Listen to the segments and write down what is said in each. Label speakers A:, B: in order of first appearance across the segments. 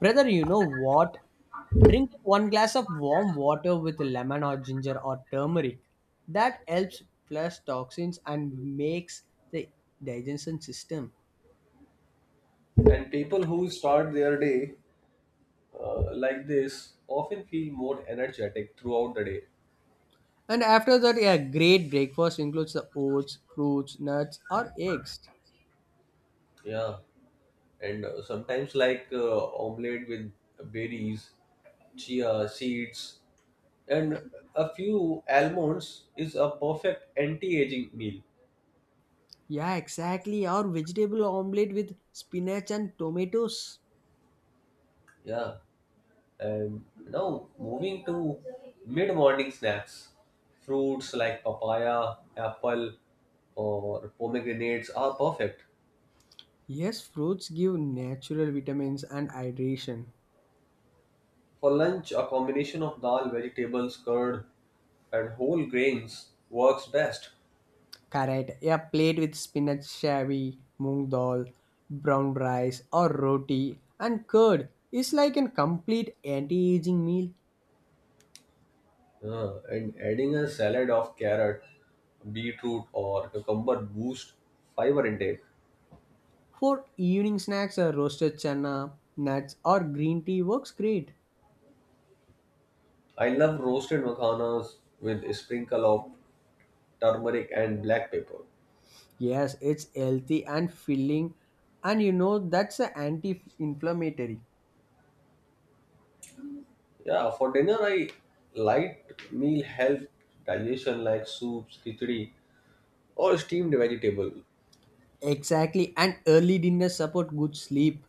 A: Brother, you know what? Drink one glass of warm water with lemon or ginger or turmeric. That helps flush toxins and makes the digestion system.
B: And people who start their day like this often feel more energetic throughout the day.
A: And after that, a great breakfast includes the oats, fruits, nuts, or eggs.
B: Yeah. And sometimes, omelette with berries, chia seeds, and a few almonds is a perfect anti-aging meal.
A: Yeah, exactly. Or vegetable omelette with spinach and tomatoes.
B: Yeah. And now moving to mid-morning snacks, fruits like papaya, apple, or pomegranates are perfect.
A: Yes, fruits give natural vitamins and hydration.
B: For lunch, a combination of dal, vegetables, curd, and whole grains works best.
A: Correct. Yeah, plate with spinach shavi, moong dal, brown rice or roti and curd is like a complete anti-aging meal.
B: And adding a salad of carrot, beetroot, or cucumber boosts fiber intake.
A: For evening snacks, a roasted chana, nuts or green tea works great.
B: I love roasted makhanas with a sprinkle of turmeric and black pepper.
A: Yes, it's healthy and filling and that's a anti-inflammatory.
B: Yeah, for dinner, I light meal help digestion like soups, khichdi, or steamed vegetable.
A: Exactly, and early dinner support good sleep,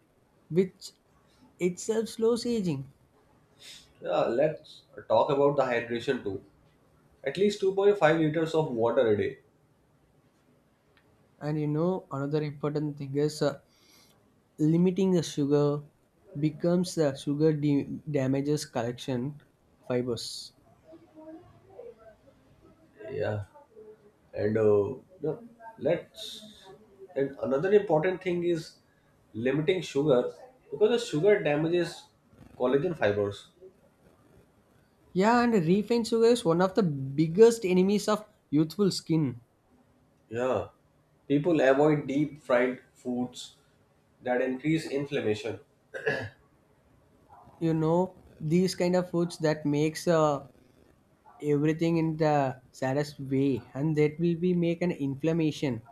A: which itself slows aging.
B: Yeah, let's talk about the hydration too. At least 2.5 liters of water a day.
A: And another important thing is limiting the sugar becomes the sugar damages collection fibers.
B: Yeah and uh, no, let's and another important thing is limiting sugar because the sugar damages collagen fibers.
A: Yeah, and refined sugar is one of the biggest enemies of youthful skin.
B: Yeah, people avoid deep fried foods that increase inflammation.
A: You know, these kind of foods that makes everything in the saddest way and that will be make an inflammation.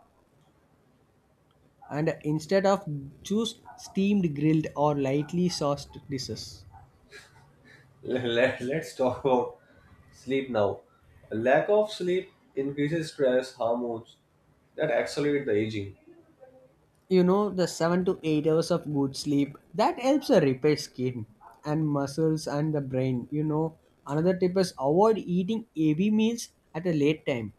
A: And instead of choose steamed grilled or lightly sauced dishes.
B: Let's talk about sleep now. A lack of sleep increases stress hormones that accelerate the aging.
A: The 7 to 8 hours of good sleep that helps repair skin and muscles and the brain. Another tip is avoid eating heavy meals at a late time.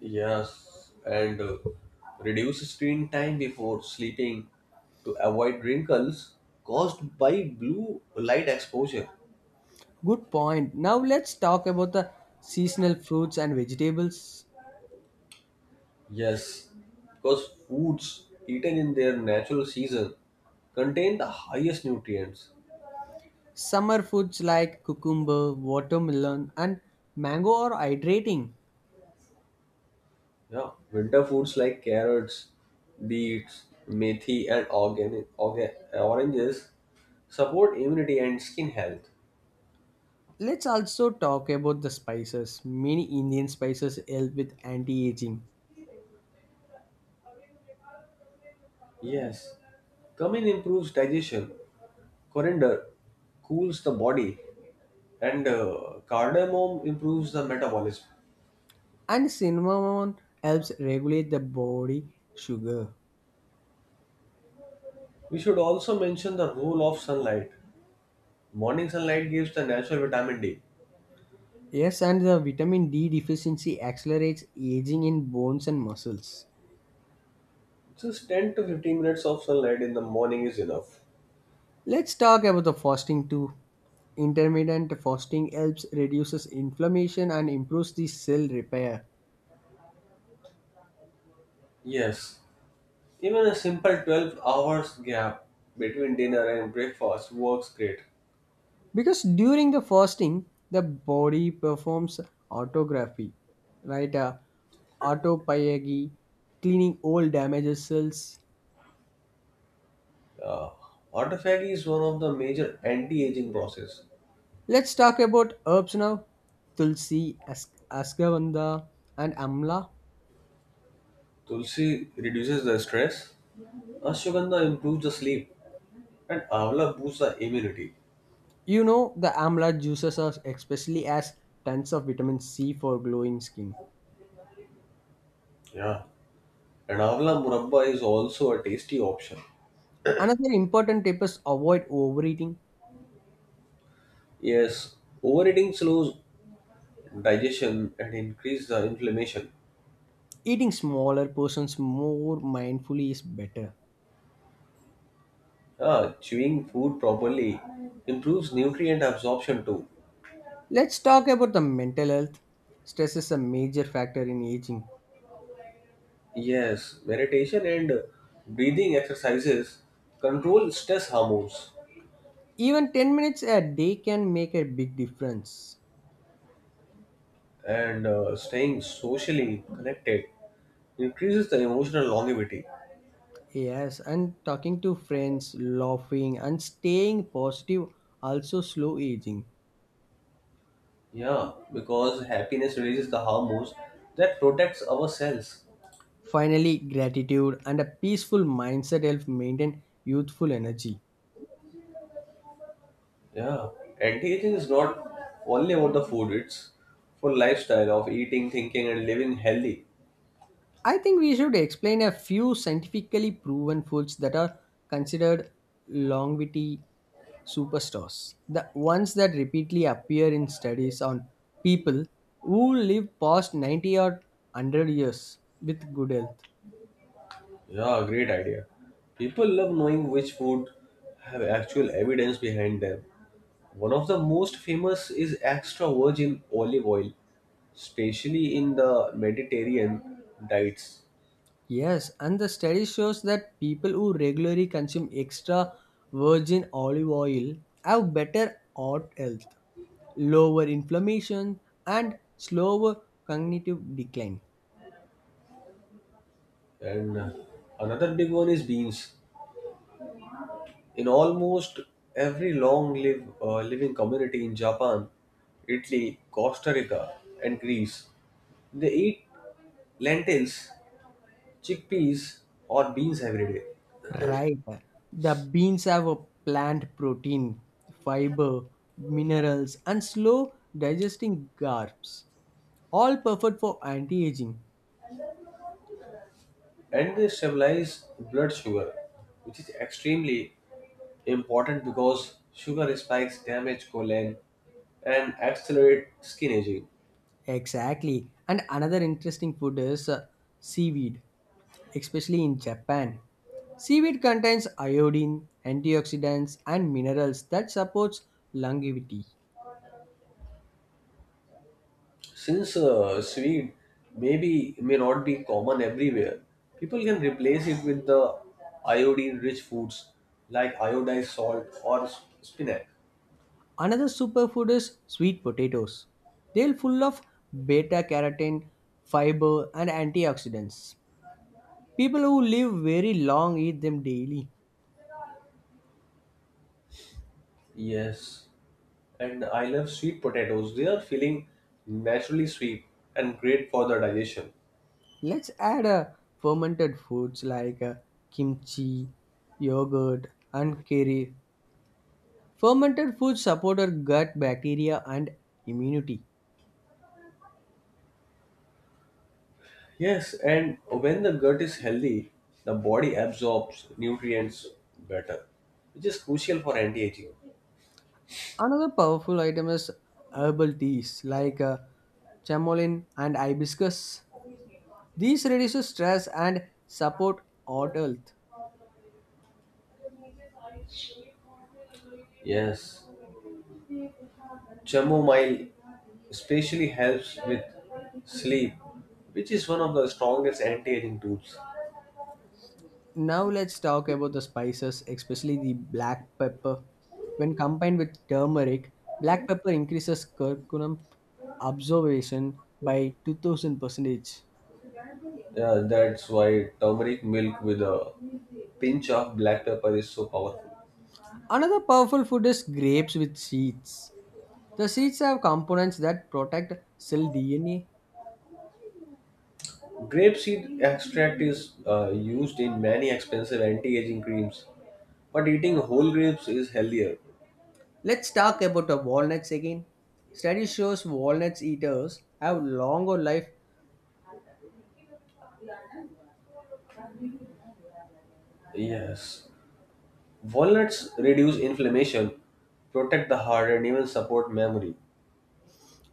B: Yes, and reduce screen time before sleeping to avoid wrinkles caused by blue light exposure.
A: Good point. Now let's talk about the seasonal fruits and vegetables.
B: Yes, because foods eaten in their natural season contain the highest nutrients.
A: Summer foods like cucumber, watermelon and mango are hydrating.
B: Yeah, winter foods like carrots, beets, methi, and oranges support immunity and skin health.
A: Let's also talk about the spices. Many Indian spices help with anti-aging.
B: Yes, cumin improves digestion. Coriander cools the body, and cardamom improves the metabolism.
A: And cinnamon helps regulate the body sugar.
B: We should also mention the role of sunlight. Morning sunlight gives the natural vitamin D.
A: Yes, and the vitamin D deficiency accelerates aging in bones and muscles.
B: Just 10 to 15 minutes of sunlight in the morning is enough.
A: Let's talk about the fasting too. Intermittent fasting helps reduces inflammation and improves the cell repair.
B: Yes, even a simple 12 hours gap between dinner and breakfast works great.
A: Because during the fasting, the body performs autography, right? Autophagy, cleaning old damaged cells.
B: Uh, Autophagy is one of the major anti-aging process.
A: Let's talk about herbs now. Tulsi, ashwagandha, and amla.
B: Tulsi reduces the stress. Ashwagandha improves the sleep. And Avla boosts the immunity.
A: You know the amla juices are especially as tons of vitamin C for glowing skin.
B: Yeah. And Avla murabba is also a tasty option.
A: Another important tip is avoid overeating.
B: Yes, overeating slows digestion and increases the inflammation.
A: Eating smaller portions more mindfully is better.
B: Ah, chewing food properly improves nutrient absorption too.
A: Let's talk about the mental health. Stress is a major factor in aging.
B: Yes, meditation and breathing exercises control stress hormones,
A: Even 10 minutes a day can make a big difference.
B: and staying socially connected increases the emotional longevity.
A: Yes, and talking to friends, laughing, and staying positive also slow aging.
B: Yeah, because happiness releases the hormones that protects our cells.
A: Finally, gratitude and a peaceful mindset help maintain youthful energy.
B: Yeah, anti-aging is not only about the food; it's for lifestyle of eating, thinking, and living healthy.
A: I think we should explain a few scientifically proven foods that are considered longevity superstars. The ones that repeatedly appear in studies on people who live past 90 or 100 years with good health.
B: Yeah, great idea. People love knowing which food have actual evidence behind them. One of the most famous is extra virgin olive oil, especially in the Mediterranean diets.
A: Yes, and the study shows that people who regularly consume extra virgin olive oil have better heart health, lower inflammation, and slower cognitive decline.
B: And another big one is beans. In almost every long live living community in Japan, Italy, Costa Rica, and Greece, they eat lentils, chickpeas, or beans every day,
A: Right. The beans have a plant protein, fiber, minerals, and slow digesting carbs, all perfect for anti aging.
B: and they stabilize blood sugar, which is extremely important because sugar spikes damage colon and accelerate skin aging.
A: Exactly. And another interesting food is seaweed especially in Japan. Seaweed contains iodine, antioxidants, and minerals that supports longevity.
B: Since Swede maybe may not be common everywhere, people can replace it with the iodine-rich foods like iodized salt or spinach.
A: Another superfood is sweet potatoes. They're full of beta carotene, fiber, and antioxidants. People who live very long eat them daily.
B: Yes, and I love sweet potatoes. They are feeling naturally sweet and great for the digestion.
A: Let's add fermented foods like kimchi, yogurt, and curry. Fermented foods support our gut bacteria and immunity.
B: Yes, and when the gut is healthy, the body absorbs nutrients better, which is crucial for anti-aging.
A: Another powerful item is herbal teas like chamomile and hibiscus. These reduce stress and support heart health.
B: Yes, chamomile especially helps with sleep, which is one of the strongest anti-aging tools.
A: Now let's talk about the spices, especially the black pepper. When combined with turmeric, black pepper increases curcumin absorption by 2,000 percentage.
B: Yeah, that's why turmeric milk with a pinch of black pepper is so powerful.
A: Another powerful food is grapes with seeds. The seeds have components that protect cell DNA.
B: Grapeseed extract is used in many expensive anti-aging creams, but eating whole grapes is healthier.
A: Let's talk about the walnuts again. Study shows walnuts eaters have longer life.
B: Yes. Walnuts reduce inflammation, protect the heart, and even support memory.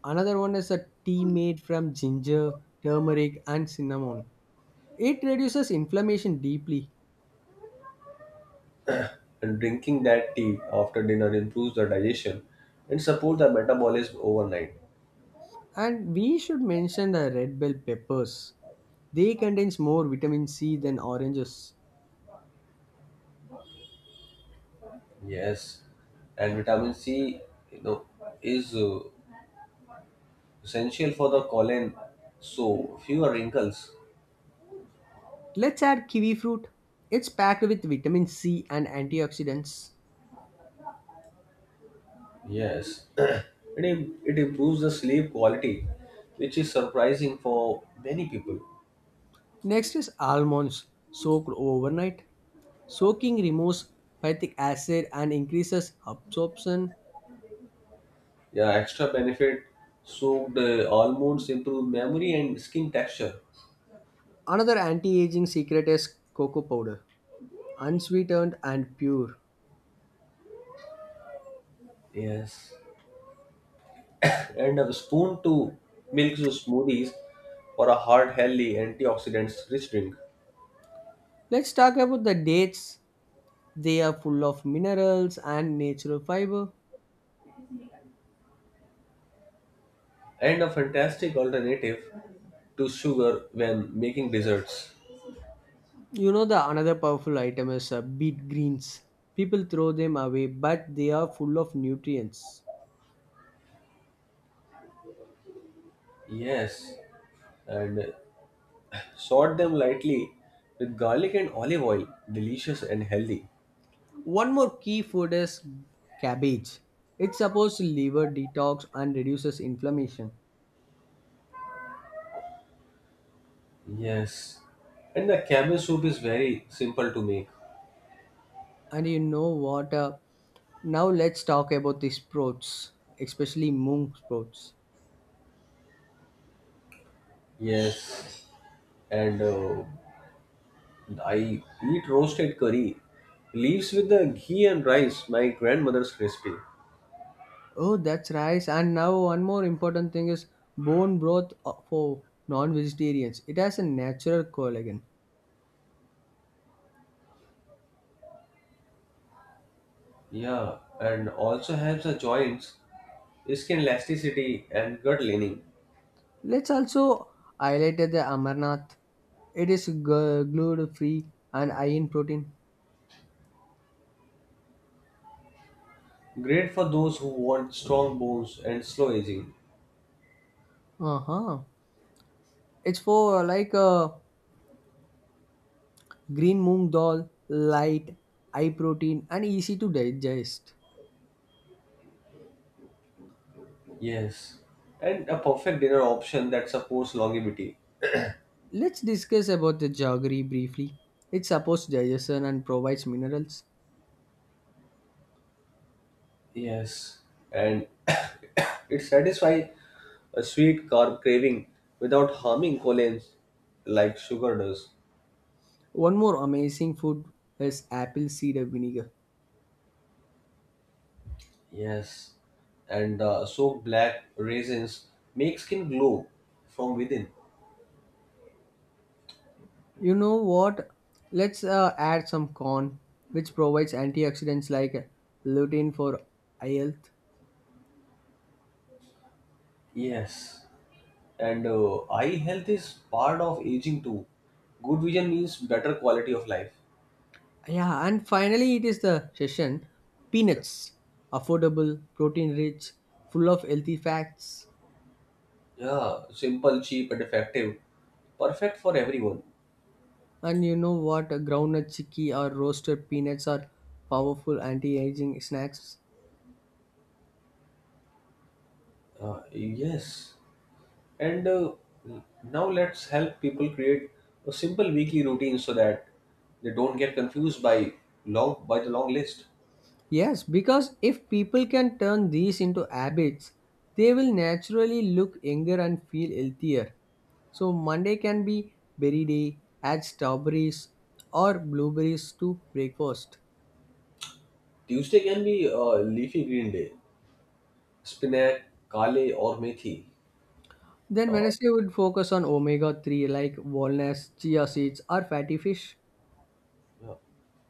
A: Another one is a tea made from ginger, turmeric, and cinnamon. It reduces inflammation deeply.
B: And drinking that tea after dinner improves the digestion and support the metabolism overnight.
A: And we should mention the red bell peppers. They contains more vitamin C than oranges.
B: Yes. And vitamin C, you know, is essential for the colon, so fewer wrinkles.
A: Let's add kiwi fruit. It's packed with vitamin C and antioxidants.
B: Yes, it improves the sleep quality, which is surprising for many people.
A: Next is almonds soaked overnight. Soaking removes phytic acid and increases absorption.
B: Yeah, extra benefit soaked almonds improve memory and skin texture.
A: Another anti aging secret is cocoa powder, unsweetened and pure.
B: Yes, and a spoon to milk to smoothies for a heart healthy, antioxidants rich drink,
A: Let's talk about the dates. They are full of minerals and natural fiber.
B: and a fantastic alternative to sugar when making desserts.
A: You know, the another powerful item is beet greens. People throw them away, but they are full of nutrients.
B: Yes, and sort them lightly with garlic and olive oil, delicious and healthy.
A: One more key food is cabbage. It supports liver detox and reduces inflammation.
B: Yes. And the cabbage soup is very simple to make.
A: And you know what? Now let's talk about the sprouts, especially mung sprouts.
B: Yes. And I eat roasted curry, leaves with the ghee and rice, my grandmother's recipe.
A: Oh, that's rice. And now one more important thing is bone broth for non-vegetarians. It has a natural collagen.
B: Yeah, and also helps the joints, skin elasticity, and gut lining.
A: Let's also highlight the amarnath. It is gluten free and high in protein.
B: Great for those who want strong bones and slow aging.
A: Uh huh. It's for like a green moong dal, light, high protein and easy to digest.
B: Yes, and a perfect dinner option that supports longevity.
A: Let's discuss about the jaggery briefly. It supports digestion and provides minerals.
B: Yes, and it satisfies a sweet carb craving without harming colons like sugar does.
A: One more amazing food is apple cider vinegar.
B: Yes. And soaked black raisins make skin glow from within.
A: You know what? Let's add some corn, which provides antioxidants like lutein for eye health.
B: Yes. And eye health is part of aging too. Good vision means better quality of life.
A: Yeah, and finally it is the session peanuts, affordable, protein rich, full of healthy fats.
B: Yeah, simple, cheap, and effective. Perfect for everyone.
A: And you know what? Groundnut chicky or roasted peanuts are powerful anti-aging snacks.
B: Yes. And now let's help people create a simple weekly routine so that they don't get confused by long by the long list.
A: Yes, because if people can turn these into habits, they will naturally look younger and feel healthier. So Monday can be berry day, add strawberries or blueberries to breakfast.
B: Tuesday can be leafy green day, spinach, kale, or methi.
A: Then Wednesday would focus on omega-3 like walnuts, chia seeds or fatty fish.
B: Yeah.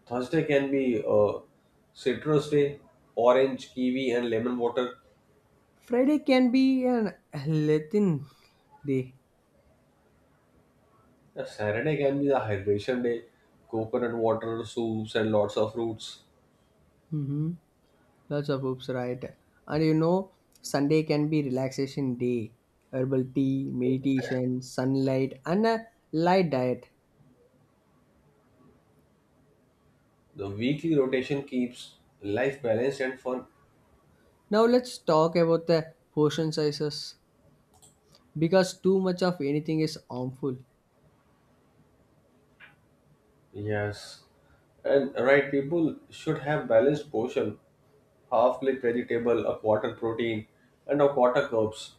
B: Thursday can be citrus day, orange, kiwi, and lemon water.
A: Friday can be an Latin day.
B: Saturday can be the hydration day, coconut water, soups, and lots of fruits.
A: Mhm. Lots of hoops, right? And you know, Sunday can be relaxation day, herbal tea, meditation, sunlight, and a light diet.
B: The weekly rotation keeps life balanced and fun.
A: Now let's talk about the portion sizes because too much of anything is harmful.
B: Yes, and right, people should have balanced portion, half plate vegetable, a quarter protein, and a quarter carbs.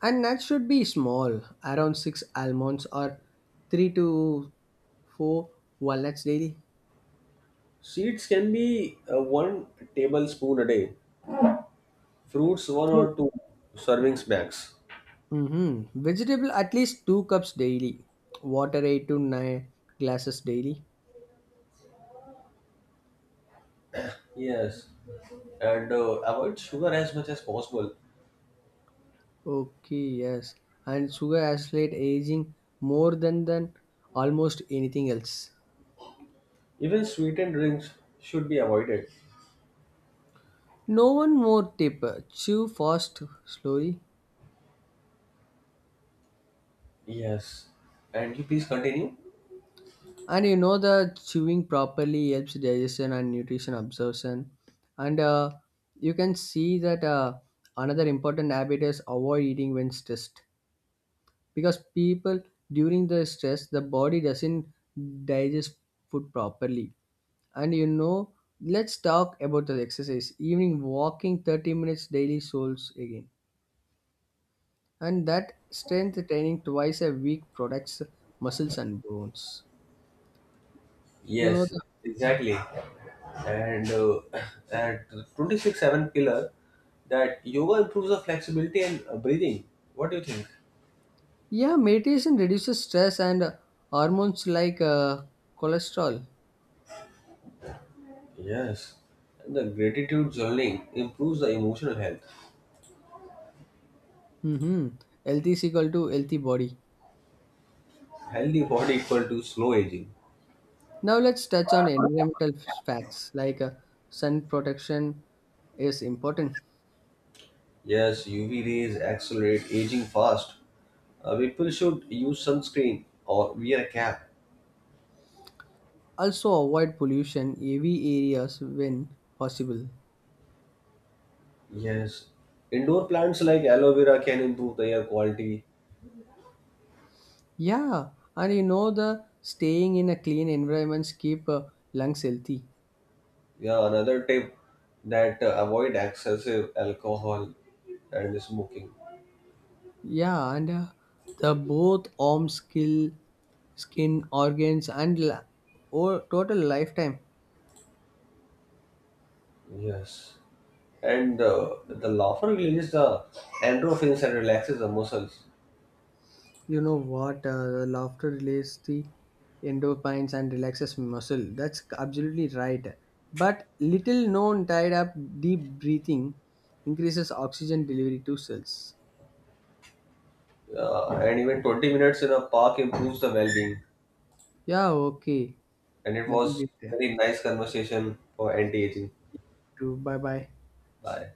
A: And nuts should be small, around six almonds or three to four walnuts daily.
B: Seeds can be one tablespoon a day. Fruits one
A: Fruit.
B: or two servings max.
A: Mm-hmm. Vegetable at least 2 cups daily. Water 8 to 9 glasses daily.
B: Yes, and avoid sugar as much as possible.
A: Okay, yes. And sugar accelerate aging more than almost anything else.
B: Even sweetened drinks should be avoided.
A: No, one more tip. Chew fast, slowly.
B: Yes, and you please continue.
A: And you know the chewing properly helps digestion and nutrition absorption. And you can see that another important habit is avoid eating when stressed. Because people during the stress the body doesn't digest food properly and let's talk about the exercise. Evening walking 30 minutes daily souls again, and that strength training twice a week protects muscles and bones. You know
B: Yes,
A: the,
B: exactly. And at 26-7 pillar, that yoga improves the flexibility and breathing. What do you think?
A: yeah, meditation reduces stress and hormones like cholesterol.
B: Yes. And the gratitude journaling improves the emotional health.
A: Mm-hmm. Health is equal to healthy body.
B: Healthy body equal to slow aging.
A: Now let's touch on environmental facts like sun protection is important.
B: Yes, UV rays accelerate aging fast. People should use sunscreen or wear a cap.
A: Also avoid pollution heavy areas when possible.
B: Yes. Indoor plants like aloe vera can improve the air quality.
A: Yeah, and the staying in a clean environment keep lungs healthy.
B: Yeah, another tip that avoid excessive alcohol and smoking.
A: Yeah, and the both arm skill, skin organs and or total lifetime.
B: Yes. And the laughter releases the endorphins and relaxes the muscles.
A: You know what? The laughter releases the endorphins and relaxes muscle. That's absolutely right. But little known tied up deep breathing increases oxygen delivery to cells.
B: And even 20 minutes in a park improves the well being.
A: Yeah, okay.
B: And it
A: Then
B: was
A: get there.
B: very nice conversation for anti aging.
A: Bye bye.
B: Bye.